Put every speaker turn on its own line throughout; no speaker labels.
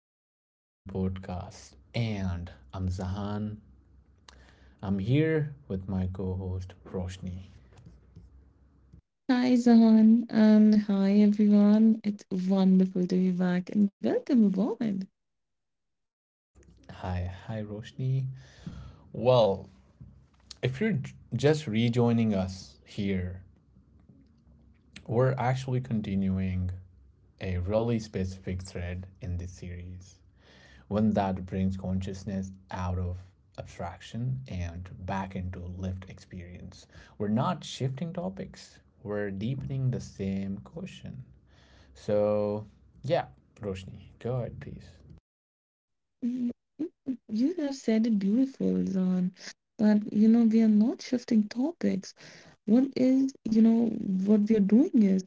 Welcome back to the podcast. And I'm Zahan. I'm here with my co host, Roshni.
Hi, Zahan. Hi, everyone. It's wonderful to be back and welcome aboard.
Hi, Roshni. Well, if you're just rejoining us here, we're actually continuing a really specific thread in this series, one that brings consciousness out of abstraction and back into lived experience. We're not shifting topics, we're deepening the same question. So, yeah, Roshni, go ahead, please.
Mm, You you have said it beautiful, Zahan. But, we are not shifting topics. What is, what we are doing is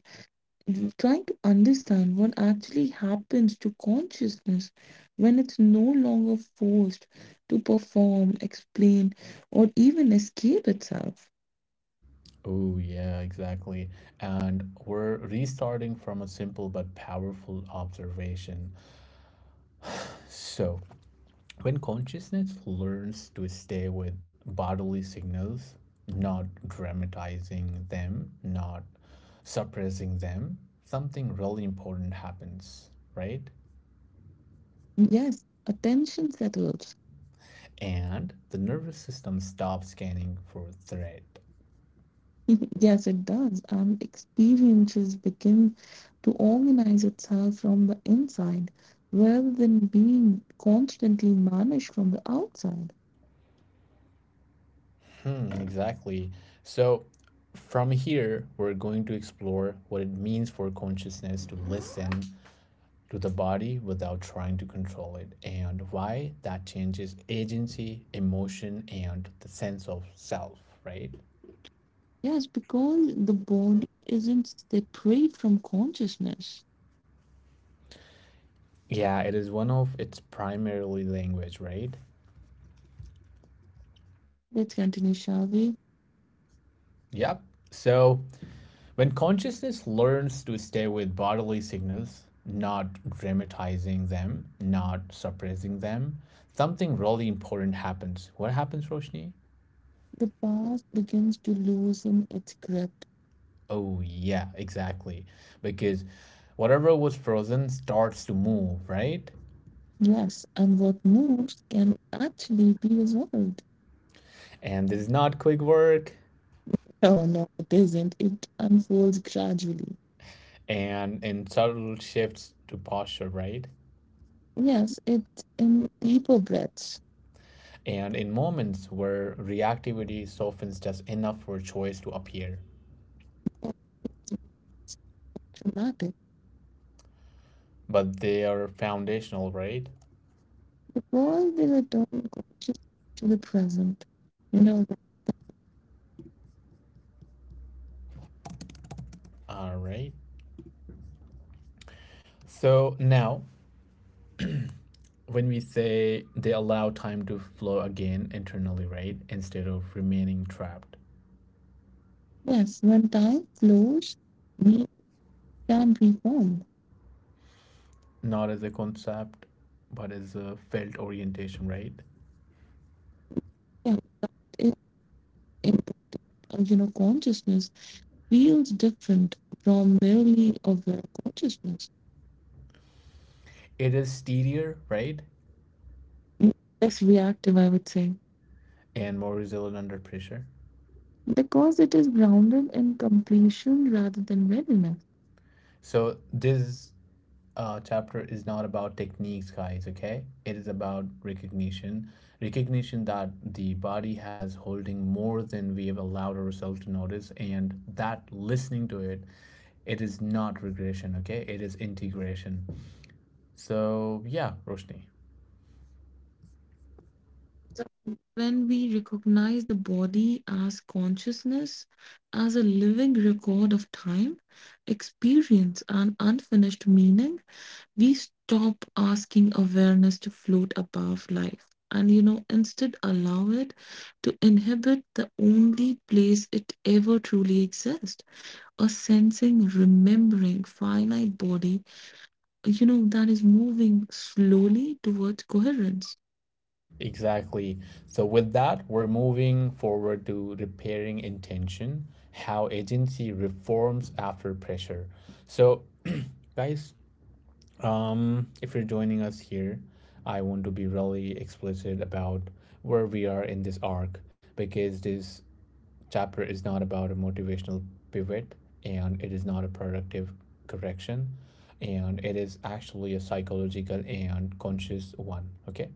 trying to understand what actually happens to consciousness when it's no longer forced to perform, explain, or even escape itself.
Oh, yeah, exactly. And we're restarting from a simple but powerful observation. So, when consciousness learns to stay with bodily signals, not dramatizing them, not suppressing them, something really important happens, right?
Yes, attention settles.
And the nervous system stops scanning for threat.
Yes, it does. And experiences begin to organize itself from the inside rather than being constantly managed from the outside.
Mm, exactly. So, from here, we're going to explore what it means for consciousness to listen to the body without trying to control it, and why that changes agency, emotion, and the sense of self, right?
Yes, because the body isn't separate from consciousness.
Yeah, it is one of its primarily language, right?
Let's continue, shall we?
Yep. So, when consciousness learns to stay with bodily signals, not dramatizing them, not suppressing them, something really important happens. What happens, Roshni?
The past begins to loosen its grip.
Oh, yeah, exactly. Because whatever was frozen starts to move, right?
Yes, and what moves can actually be resolved.
And this is not quick work,
Oh no, it isn't. It unfolds gradually.
and in subtle shifts to posture, right?
Yes, it's in deeper breaths
And in moments where reactivity softens just enough for choice to appear.
automatic
But they are foundational, right?
because they return conscious to the present. You know,
All right. So now, when we say they allow time to flow again internally, right, instead of remaining trapped,
yes, when time flows, we can reform.
not as a concept, but as a felt orientation, right?
Yeah, it, it, consciousness feels different from merely aware consciousness.
It is steadier, right,
Less reactive, I would say,
and more resilient under pressure.
because it is grounded in completion rather than readiness.
So this chapter is not about techniques, guys, okay? It is about recognition. Recognition that the body has holding more than we have allowed ourselves to notice, and that listening to it, it is not regression, okay? It is integration. So, yeah, Roshni.
So when we recognize the body as consciousness, as a living record of time, experience, and unfinished meaning, we stop asking awareness to float above life and, instead allow it to inhabit the only place it ever truly exists a sensing, remembering, finite body, that is moving slowly towards coherence.
Exactly. So, with that, we're moving forward to repairing intention, how agency reforms after pressure. So, guys, if you're joining us here, I want to be really explicit about where we are in this arc, because this chapter is not about a motivational pivot, and it is not a productive correction, and it is actually a psychological and conscious one, okay?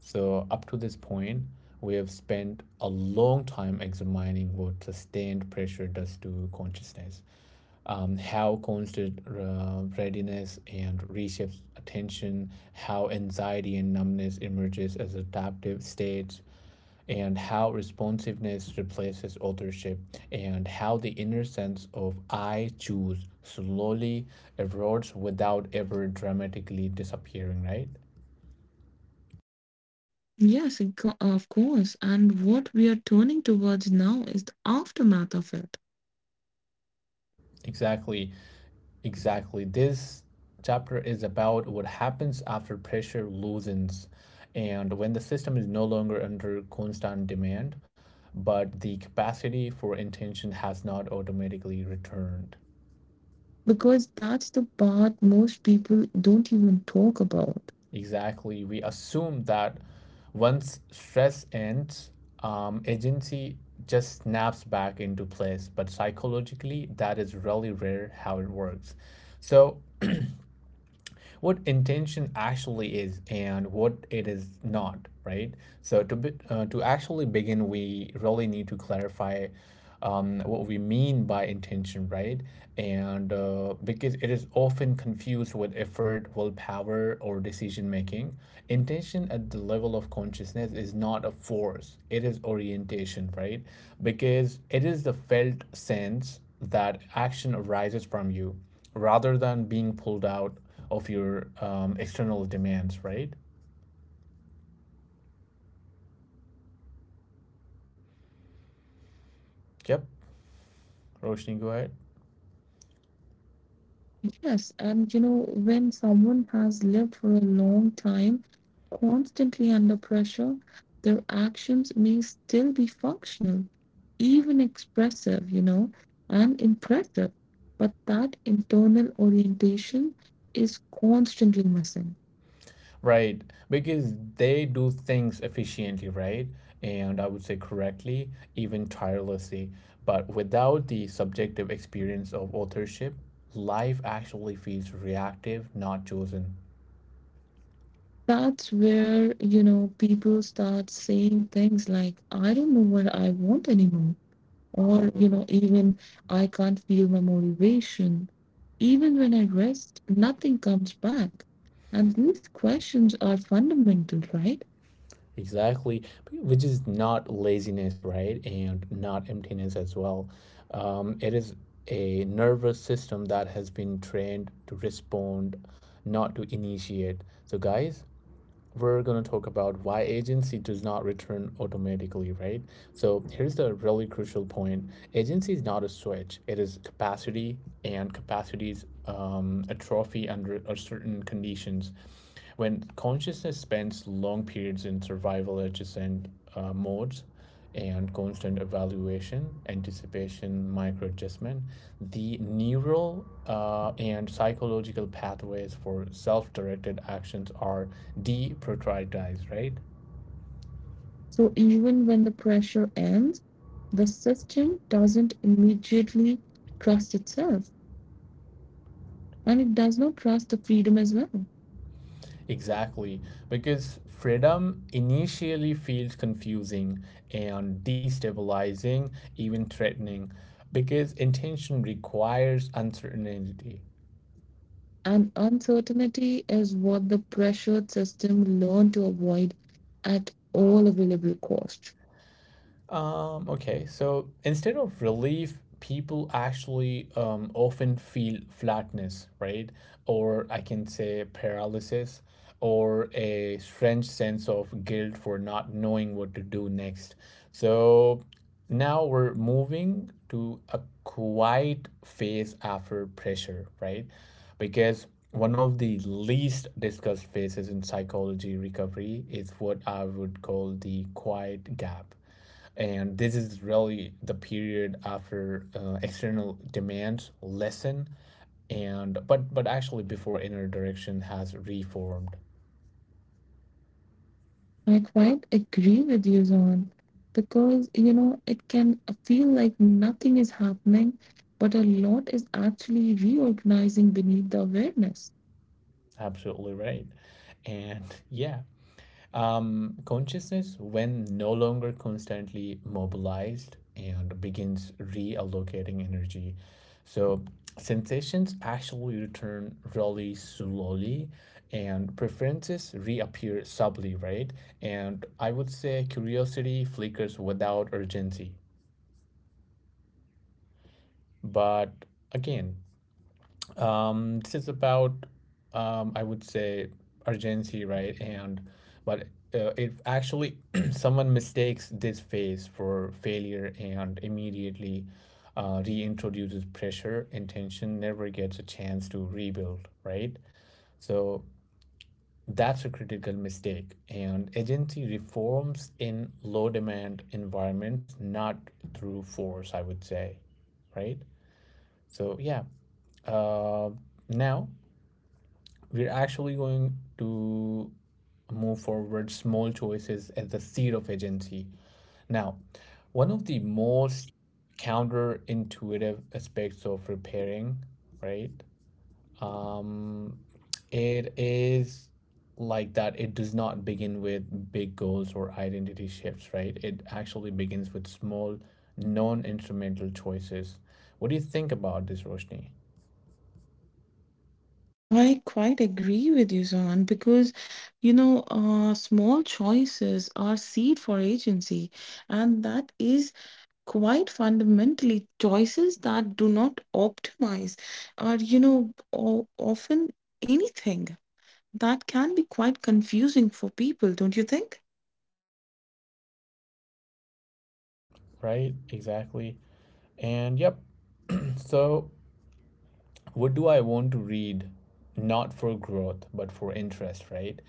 So up to this point, we have spent a long time examining what sustained pressure does to consciousness. How constant readiness and reshapes attention, how anxiety and numbness emerges as adaptive states, and how responsiveness replaces authorship, and how the inner sense of I choose slowly erodes without ever dramatically disappearing, right?
Yes, of of course. And what we are turning towards now is the aftermath of it,
Exactly, exactly. This chapter is about what happens after pressure loosens and when the system is no longer under constant demand, but the capacity for intention has not automatically returned.
because that's the part most people don't even talk about.
Exactly. We assume that once stress ends, agency just snaps back into place, but psychologically, that is really rare how it works. So, what intention actually is and what it is not, right? So to actually begin, we really need to clarify what we mean by intention, right? And because it is often confused with effort, willpower, or decision making, intention at the level of consciousness is not a force, it is orientation, right? Because it is the felt sense that action arises from you rather than being pulled out of your external demands, right? Yep. Roshni, go ahead.
Yes, and when someone has lived for a long time, constantly under pressure, their actions may still be functional, even expressive, and impressive. But that internal orientation is constantly missing.
Right. Because they do things efficiently, right? And I would say correctly, even tirelessly. But without the subjective experience of authorship, life actually feels reactive, not chosen.
That's where, people start saying things like, I don't know what I want anymore. Or, even I can't feel my motivation. Even when I rest, nothing comes back. And these questions are fundamental, right?
Exactly, which is not laziness, right? And not emptiness as well. It is a nervous system that has been trained to respond, not to initiate. So, guys, we're going to talk about why agency does not return automatically, right? So here's the really crucial point. Agency is not a switch. It is capacity, and capacity is a trophy under a certain conditions. When consciousness spends long periods in survival adjacent modes, and constant evaluation, anticipation, micro adjustment, the neural and psychological pathways for self-directed actions are deprioritized, right?
So even when the pressure ends, the system doesn't immediately trust itself and it does not trust the freedom as well.
Exactly, because freedom initially feels confusing and destabilizing, even threatening, because intention requires uncertainty.
And uncertainty is what the pressured system learned to avoid at all available cost.
Okay, so instead of relief, people actually often feel flatness, right? Or I can say paralysis or a strange sense of guilt for not knowing what to do next. So now we're moving to a quiet phase after pressure, right? Because one of the least discussed phases in psychology recovery is what I would call the quiet gap, and this is really the period after external demand lessen and but actually before inner direction has reformed.
I quite agree with you, Zon, because it can feel like nothing is happening, but a lot is actually reorganizing beneath the awareness.
Absolutely right. And yeah, consciousness, when no longer constantly mobilized and begins reallocating energy. So, sensations actually return really slowly and preferences reappear subtly, right? And I would say curiosity flickers without urgency. But again, this is about, I would say, urgency, right? And but if actually someone mistakes this phase for failure and immediately reintroduces pressure, intention never gets a chance to rebuild, right? So that's a critical mistake. And agency reforms in low demand environments, not through force, I would say, right? So yeah. Uh, Now we're actually going to move forward small choices at the seed of agency. Now, one of the most counterintuitive aspects of repairing, right? Um, it is like that it does not begin with big goals or identity shifts, right? It actually begins with small, non instrumental choices. What do you think about this, Roshni?
Oh, I quite agree with you, Zohan, because small choices are seed for agency, and that is quite fundamentally choices that do not optimize are, often anything that can be quite confusing for people, don't you think?
Right? Exactly. And yep. So what do I want to read? Not for growth, but for interest, right?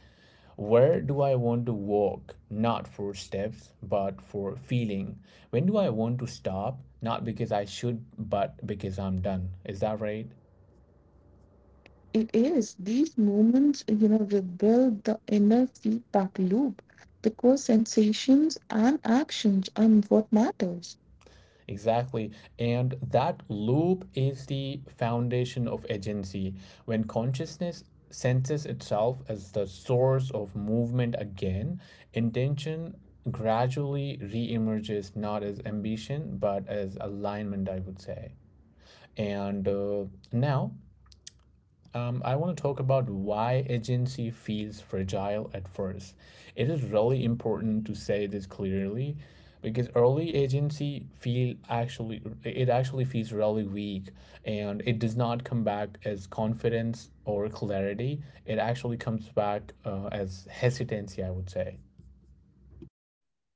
Where do I want to walk? Not for steps, but for feeling. When do I want to stop? Not because I should, but because I'm done. Is that right?
It is. These moments, rebuild the inner feedback loop because sensations and actions are what matters.
Exactly. And that loop is the foundation of agency. When consciousness senses itself as the source of movement again, intention gradually reemerges not as ambition, but as alignment, I would say. And now I want to talk about why agency feels fragile at first. It is really important to say this clearly because early agency feel actually it actually feels really weak and it does not come back as confidence or clarity. It actually comes back as hesitancy, I would say.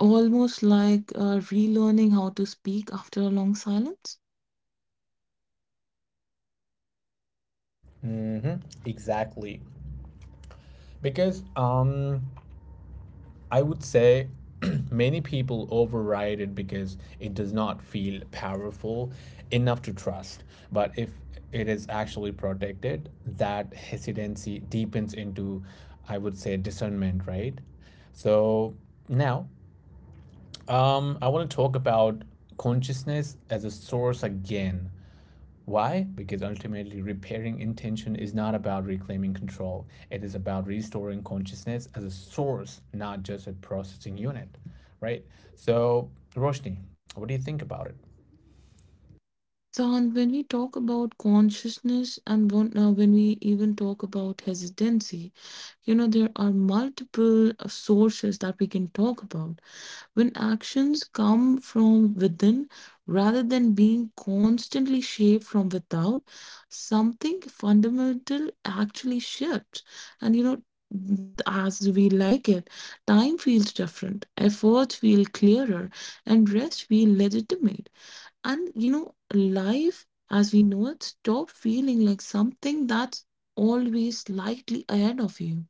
Almost like relearning how to speak after a long silence.
Mm-hmm. Exactly. Because I would say, many people override it because it does not feel powerful enough to trust. But if it is actually protected, that hesitancy deepens into, I would say, discernment, right? So now, I want to talk about consciousness as a source again. Why? Because ultimately, repairing intention is not about reclaiming control. It is about restoring consciousness as a source, not just a processing unit, right? So, Roshni, what do you think about it?
So, and when we talk about consciousness and when we even talk about hesitancy, you know, there are multiple sources that we can talk about. When actions come from within rather than being constantly shaped from without, something fundamental actually shifts. And you know, as we like it, time feels different, efforts feel clearer, and rest feel legitimate. And you know, life as we know it, stop feeling like something that's always slightly ahead of you.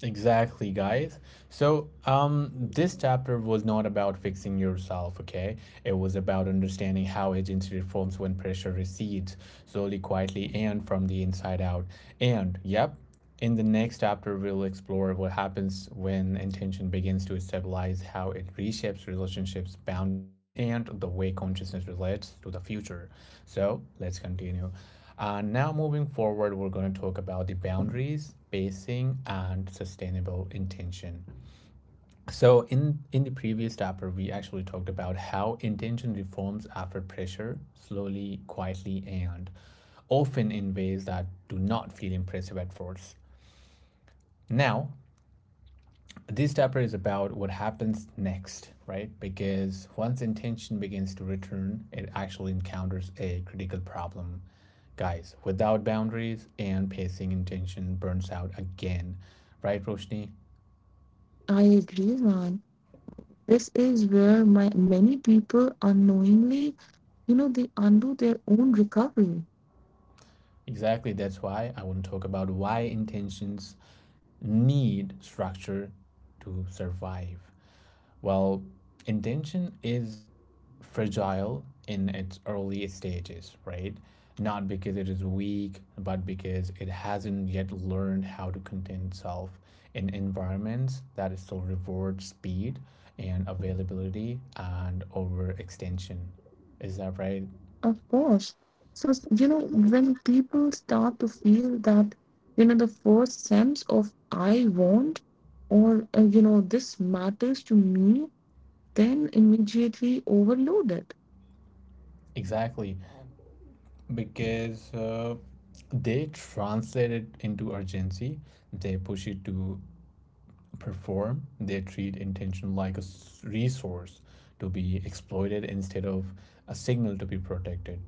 Exactly, guys. So, this chapter was not about fixing yourself, okay? It was about understanding how agency reforms when pressure recedes, slowly, quietly, and from the inside out. And, yep, in the next chapter, we'll explore what happens when intention begins to stabilize, how it reshapes relationships, boundaries, and the way consciousness relates to the future. So, let's continue. Now, moving forward, we're going to talk about the boundaries, basing, and sustainable intention. So, in the previous chapter, we actually talked about how intention reforms after pressure, slowly, quietly, and often in ways that do not feel impressive at first. Now, this chapter is about what happens next, right? Because once intention begins to return, it actually encounters a critical problem. Guys, without boundaries and pacing, intention burns out again, right, Roshni?
I agree, man. This is where my many people unknowingly, you know, they undo their own recovery.
Exactly, that's why I want to talk about why intentions need structure to survive. Well, intention is fragile in its early stages, right? Not because it is weak, but because it hasn't yet learned how to contain itself in environments that still reward speed and availability and overextension. Is that right?
Of course, so you know, when people start to feel that, you know, the first sense of I want, or you know, this matters to me, then immediately overload it.
Exactly. Because they translate it into urgency, they push it to perform, they treat intention like a resource to be exploited instead of a signal to be protected.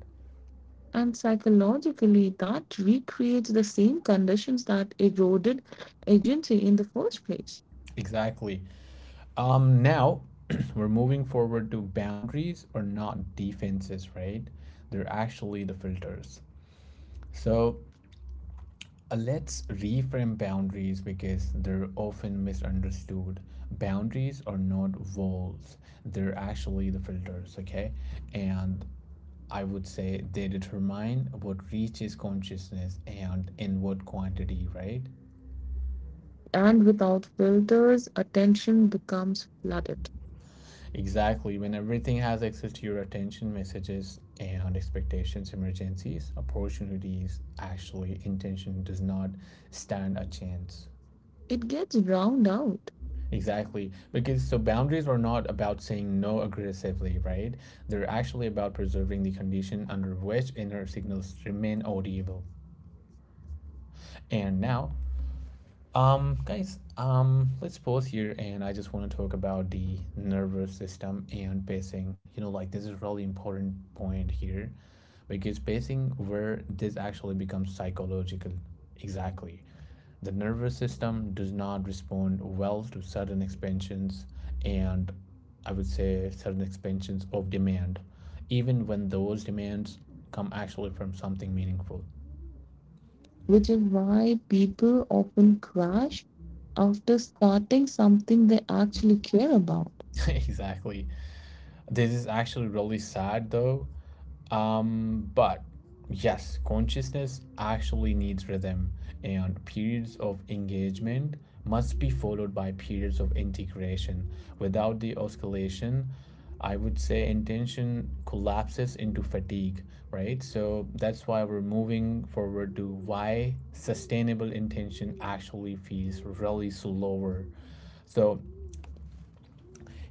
And psychologically that recreates the same conditions that eroded agency in the first place.
Exactly. Now we're moving forward to boundaries are not defenses, right? They're actually the filters. So let's reframe boundaries because they're often misunderstood. Boundaries are not walls, they're actually the filters, okay? And I would say they determine what reaches consciousness and in what quantity, right?
And without filters, attention becomes flooded.
Exactly. When everything has access to your attention, messages and expectations, emergencies, opportunities, actually, intention does not stand a chance.
It gets drowned out,
Exactly. Because so boundaries are not about saying no aggressively, right? They're actually about preserving the condition under which inner signals remain audible. And now, guys, let's pause here and I just want to talk about the nervous system and pacing. You know, like this is really important point here because pacing where this actually becomes psychological. Exactly. The nervous system does not respond well to sudden expansions and I would say certain expansions of demand, even when those demands come actually from something meaningful.
which is why people often crash after starting something they actually care about.
Exactly. This is actually really sad though. But yes, consciousness actually needs rhythm, and periods of engagement must be followed by periods of integration. Without the oscillation, I would say intention collapses into fatigue, right? So that's why we're moving forward to why sustainable intention actually feels really slower. So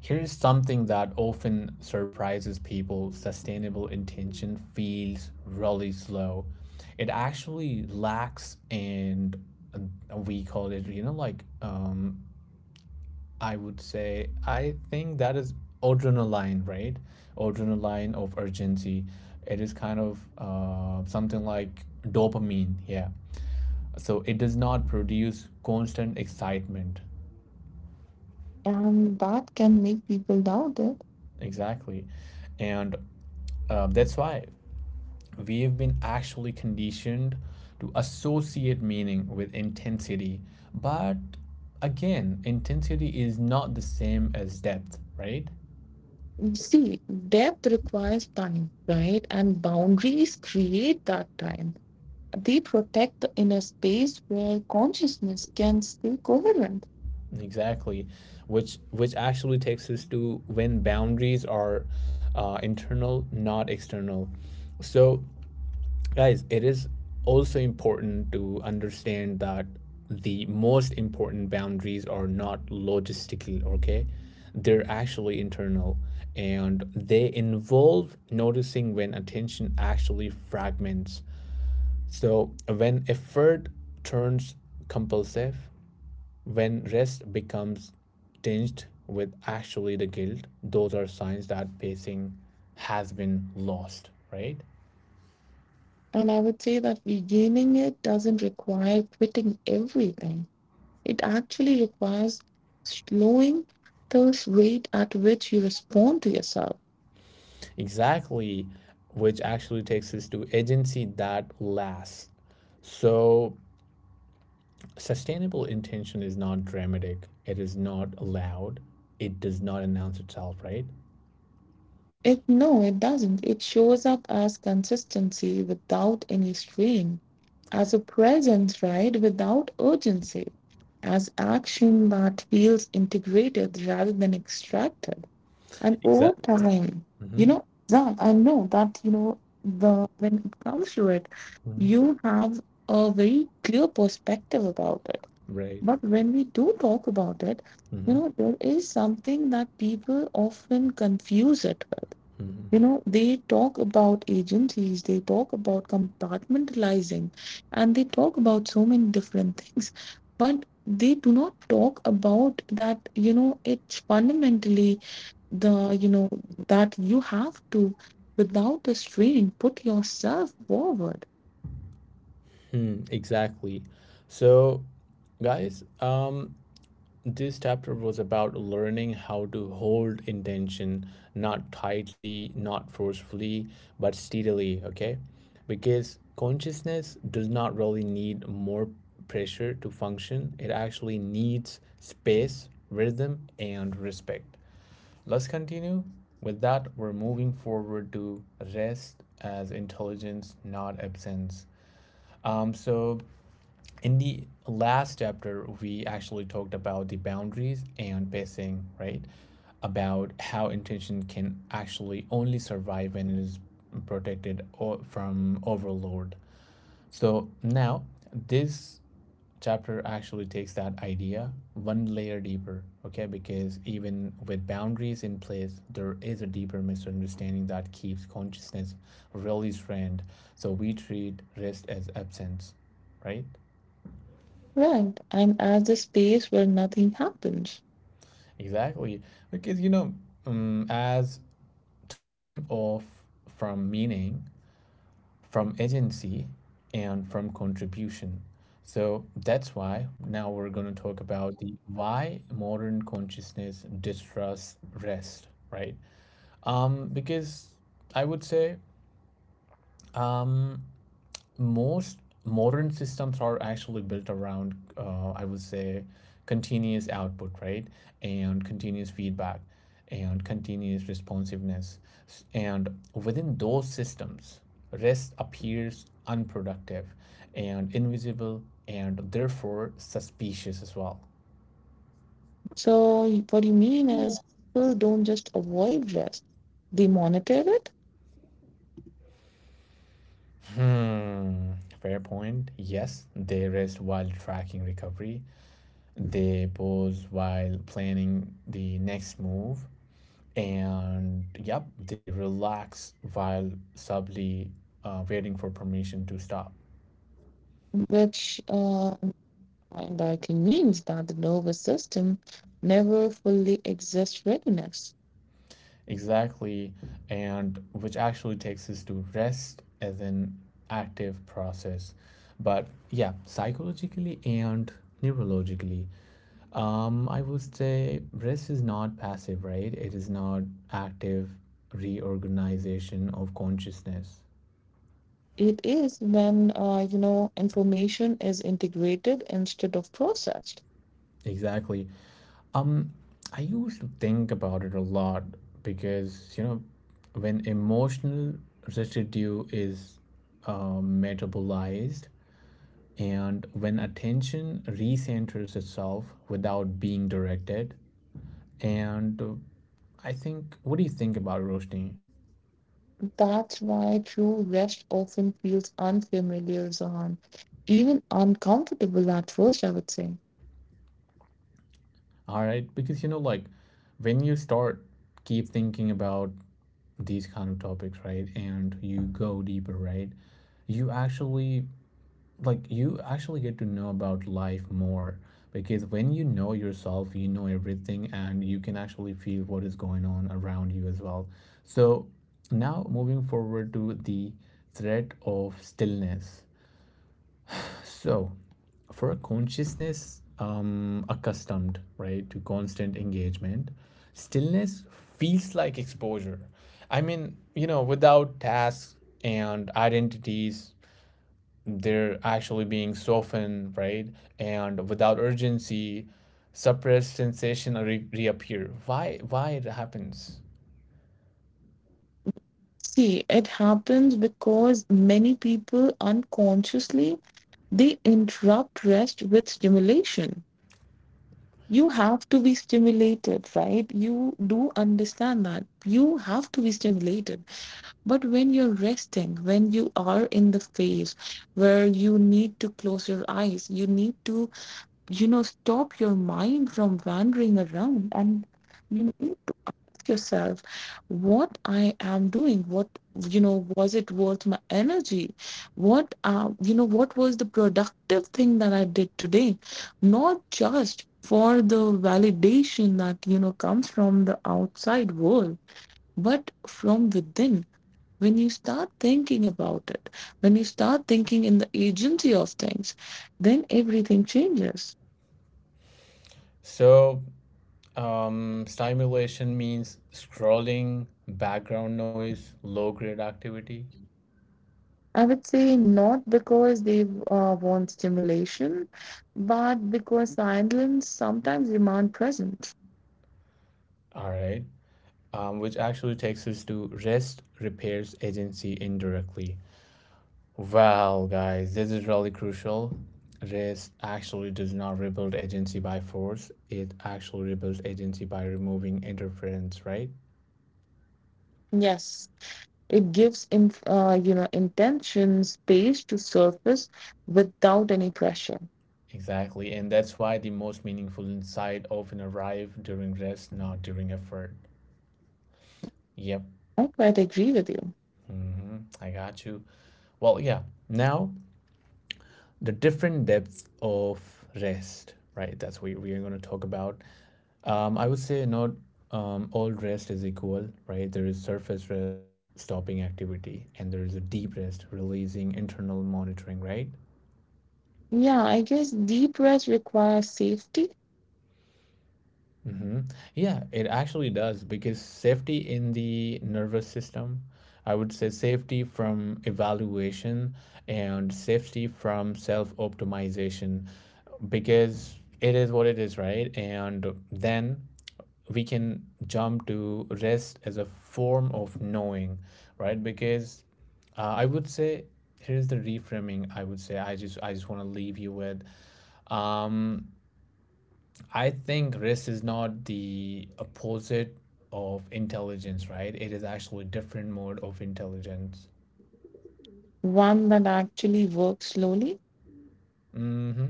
here's something that often surprises people: sustainable intention feels really slow. It actually lacks, and we call it, you know, like, I would say, I think that is adrenaline, right? Adrenaline of urgency. It is kind of something like dopamine, yeah. So it does not produce constant excitement.
And that can make people doubt it.
Exactly. And that's why we have been actually conditioned to associate meaning with intensity. But again, intensity is not the same as depth, right?
See, depth requires time, right? And boundaries create that time. They protect the inner space where consciousness can stay coherent.
Exactly, which actually takes us to when boundaries are internal, not external. So guys, it is also important to understand that the most important boundaries are not logistical, okay? They're actually internal and they involve noticing when attention actually fragments. So, when effort turns compulsive, when rest becomes tinged with actually the guilt, those are signs that pacing has been lost, right?
And I would say that regaining it doesn't require quitting everything. It actually requires slowing the rate at which you respond to yourself.
Exactly, which actually takes us to agency that lasts. So, sustainable intention is not dramatic, it is not loud, it does not announce itself, right?
It no, it doesn't. It shows up as consistency without any strain, as a presence, right, without urgency, as action that feels integrated rather than extracted. And over
Exactly.
time,
Hmm.
you know, Zan, I know that, you know, the when it comes to it,
Hmm.
you have a very clear perspective about it.
Right.
But when we do talk about it, you
Hmm.
know, there is something that people often confuse it with,
Hmm.
you know, they talk about agencies, they talk about compartmentalizing, and they talk about so many different things, but they do not talk about that, you know, it's fundamentally the, you know, that you have to, without the strain, put yourself forward.
Exactly. So, guys, this chapter was about learning how to hold intention not tightly, not forcefully, but steadily, okay? Because consciousness does not really need more pressure to function, it actually needs space, rhythm, and respect. Let's continue. With that, we're moving forward to rest as intelligence, not absence. So in the last chapter, we actually talked about the boundaries and pacing, right? About how intention can actually only survive when it is protected from overload. So now, this chapter actually takes that idea one layer deeper, okay? Because even with boundaries in place, there is a deeper misunderstanding that keeps consciousness really strained. So we treat rest as absence, right?
Right. And as the space where nothing happens.
Exactly. Because, you know, as time off from meaning, from agency, and from contribution. So that's why now we're going to talk about the why modern consciousness distrusts rest, right? Because I would say, um, most modern systems are actually built around I would say continuous output, right, and continuous feedback and continuous responsiveness, and within those systems rest appears unproductive and invisible and therefore suspicious as well.
So what you mean is people don't just avoid rest, they monitor it,
Hmm, fair point. Yes, they rest while tracking recovery. They pause while planning the next move. And yep, they relax while subtly waiting for permission to stop.
which and by means that the nervous system never fully exists readiness.
Exactly, and which actually takes us to rest as an active process. But yeah, psychologically and neurologically, I would say rest is not passive, right? It is not active reorganization of consciousness.
It is when you know, information is integrated instead of processed.
Exactly. Um, I used to think about it a lot because, you know, when emotional residue is metabolized and when attention recenters itself without being directed, and I think, what do you think about it, Roshni?
That's why true rest often feels unfamiliar, Zahan, even uncomfortable at first, I would say.
All right, because, you know, like when you start keep thinking about these kind of topics, right, and you go deeper, right, you actually like you actually get to know about life more, because when you know yourself you know everything and you can actually feel what is going on around you as well. So now moving forward to the threat of stillness. So for a consciousness accustomed, right, to constant engagement, stillness feels like exposure. I mean, you know, without tasks and identities, they're actually being softened, right? And without urgency, suppressed sensation reappear. Why? Why it happens?
See, it happens because many people unconsciously they interrupt rest with stimulation. You have to be stimulated, right? You do understand that you have to be stimulated. But when you're resting, when you are in the phase where you need to close your eyes, you need to, you know, stop your mind from wandering around and you yourself, what I am doing, what, you know, was it worth my energy, what, you know, what was the productive thing that I did today, not just for the validation that, you know, comes from the outside world, but from within. When you start thinking about it, when you start thinking in the agency of things, then everything changes.
So stimulation means scrolling, background noise, low grade activity.
I would say not because they want stimulation, but because silence sometimes demand presence.
All right, which actually takes us to rest repairs agency indirectly. Well, guys, this is really crucial. Rest actually does not rebuild agency by force, it actually rebuilds agency by removing interference, right?
Yes, it gives in, you know, intention space to surface without any pressure.
Exactly, and that's why the most meaningful insight often arrive during rest, not during effort. Yep.
I quite agree with you.
Hmm, I got you. Well, yeah, now the different depths of rest, right? That's what we are going to talk about. I would say not all rest is equal, right? There is surface rest, stopping activity, and there is a deep rest, releasing internal monitoring, right?
Yeah, I guess deep breath requires safety,
Hmm. Yeah, it actually does, because safety in the nervous system, I would say safety from evaluation and safety from self optimization, because it is what it is, right? And then we can jump to rest as a form of knowing, right? Because I would say here's the reframing I would say I just want to leave you with. Um, I think risk is not the opposite of intelligence, right? It is actually a different mode of intelligence.
one that actually works slowly,
Hmm.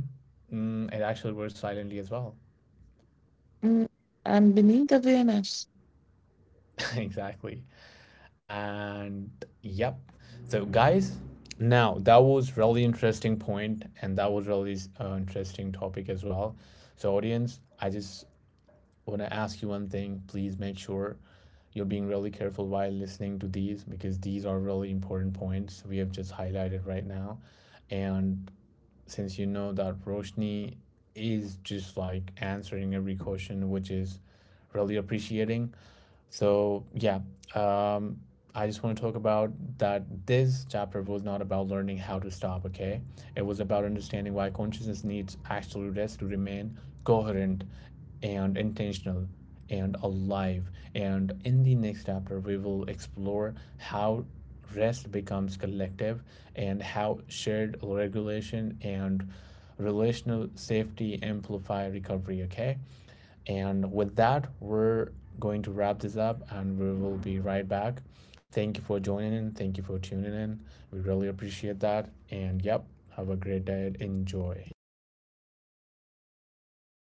Mm, it actually works silently as well.
mm, and beneath awareness.
exactly. And yep. So, guys, now that was really interesting point, and that was really interesting topic as well. So, audience, I just when I ask you one thing, please make sure you're being really careful while listening to these, because these are really important points we have just highlighted right now. And since you know that Roshni is just like answering every question, which is really appreciating, so yeah, um, I just want to talk about that this chapter was not about learning how to stop, okay? It was about understanding why consciousness needs actual rest to remain coherent and intentional and alive. And in the next chapter, we will explore how rest becomes collective and how shared regulation and relational safety amplify recovery, okay? And with that, we're going to wrap this up and we will be right back. Thank you for joining in. Thank you for tuning in. We really appreciate that. And yep, have a great day. Enjoy.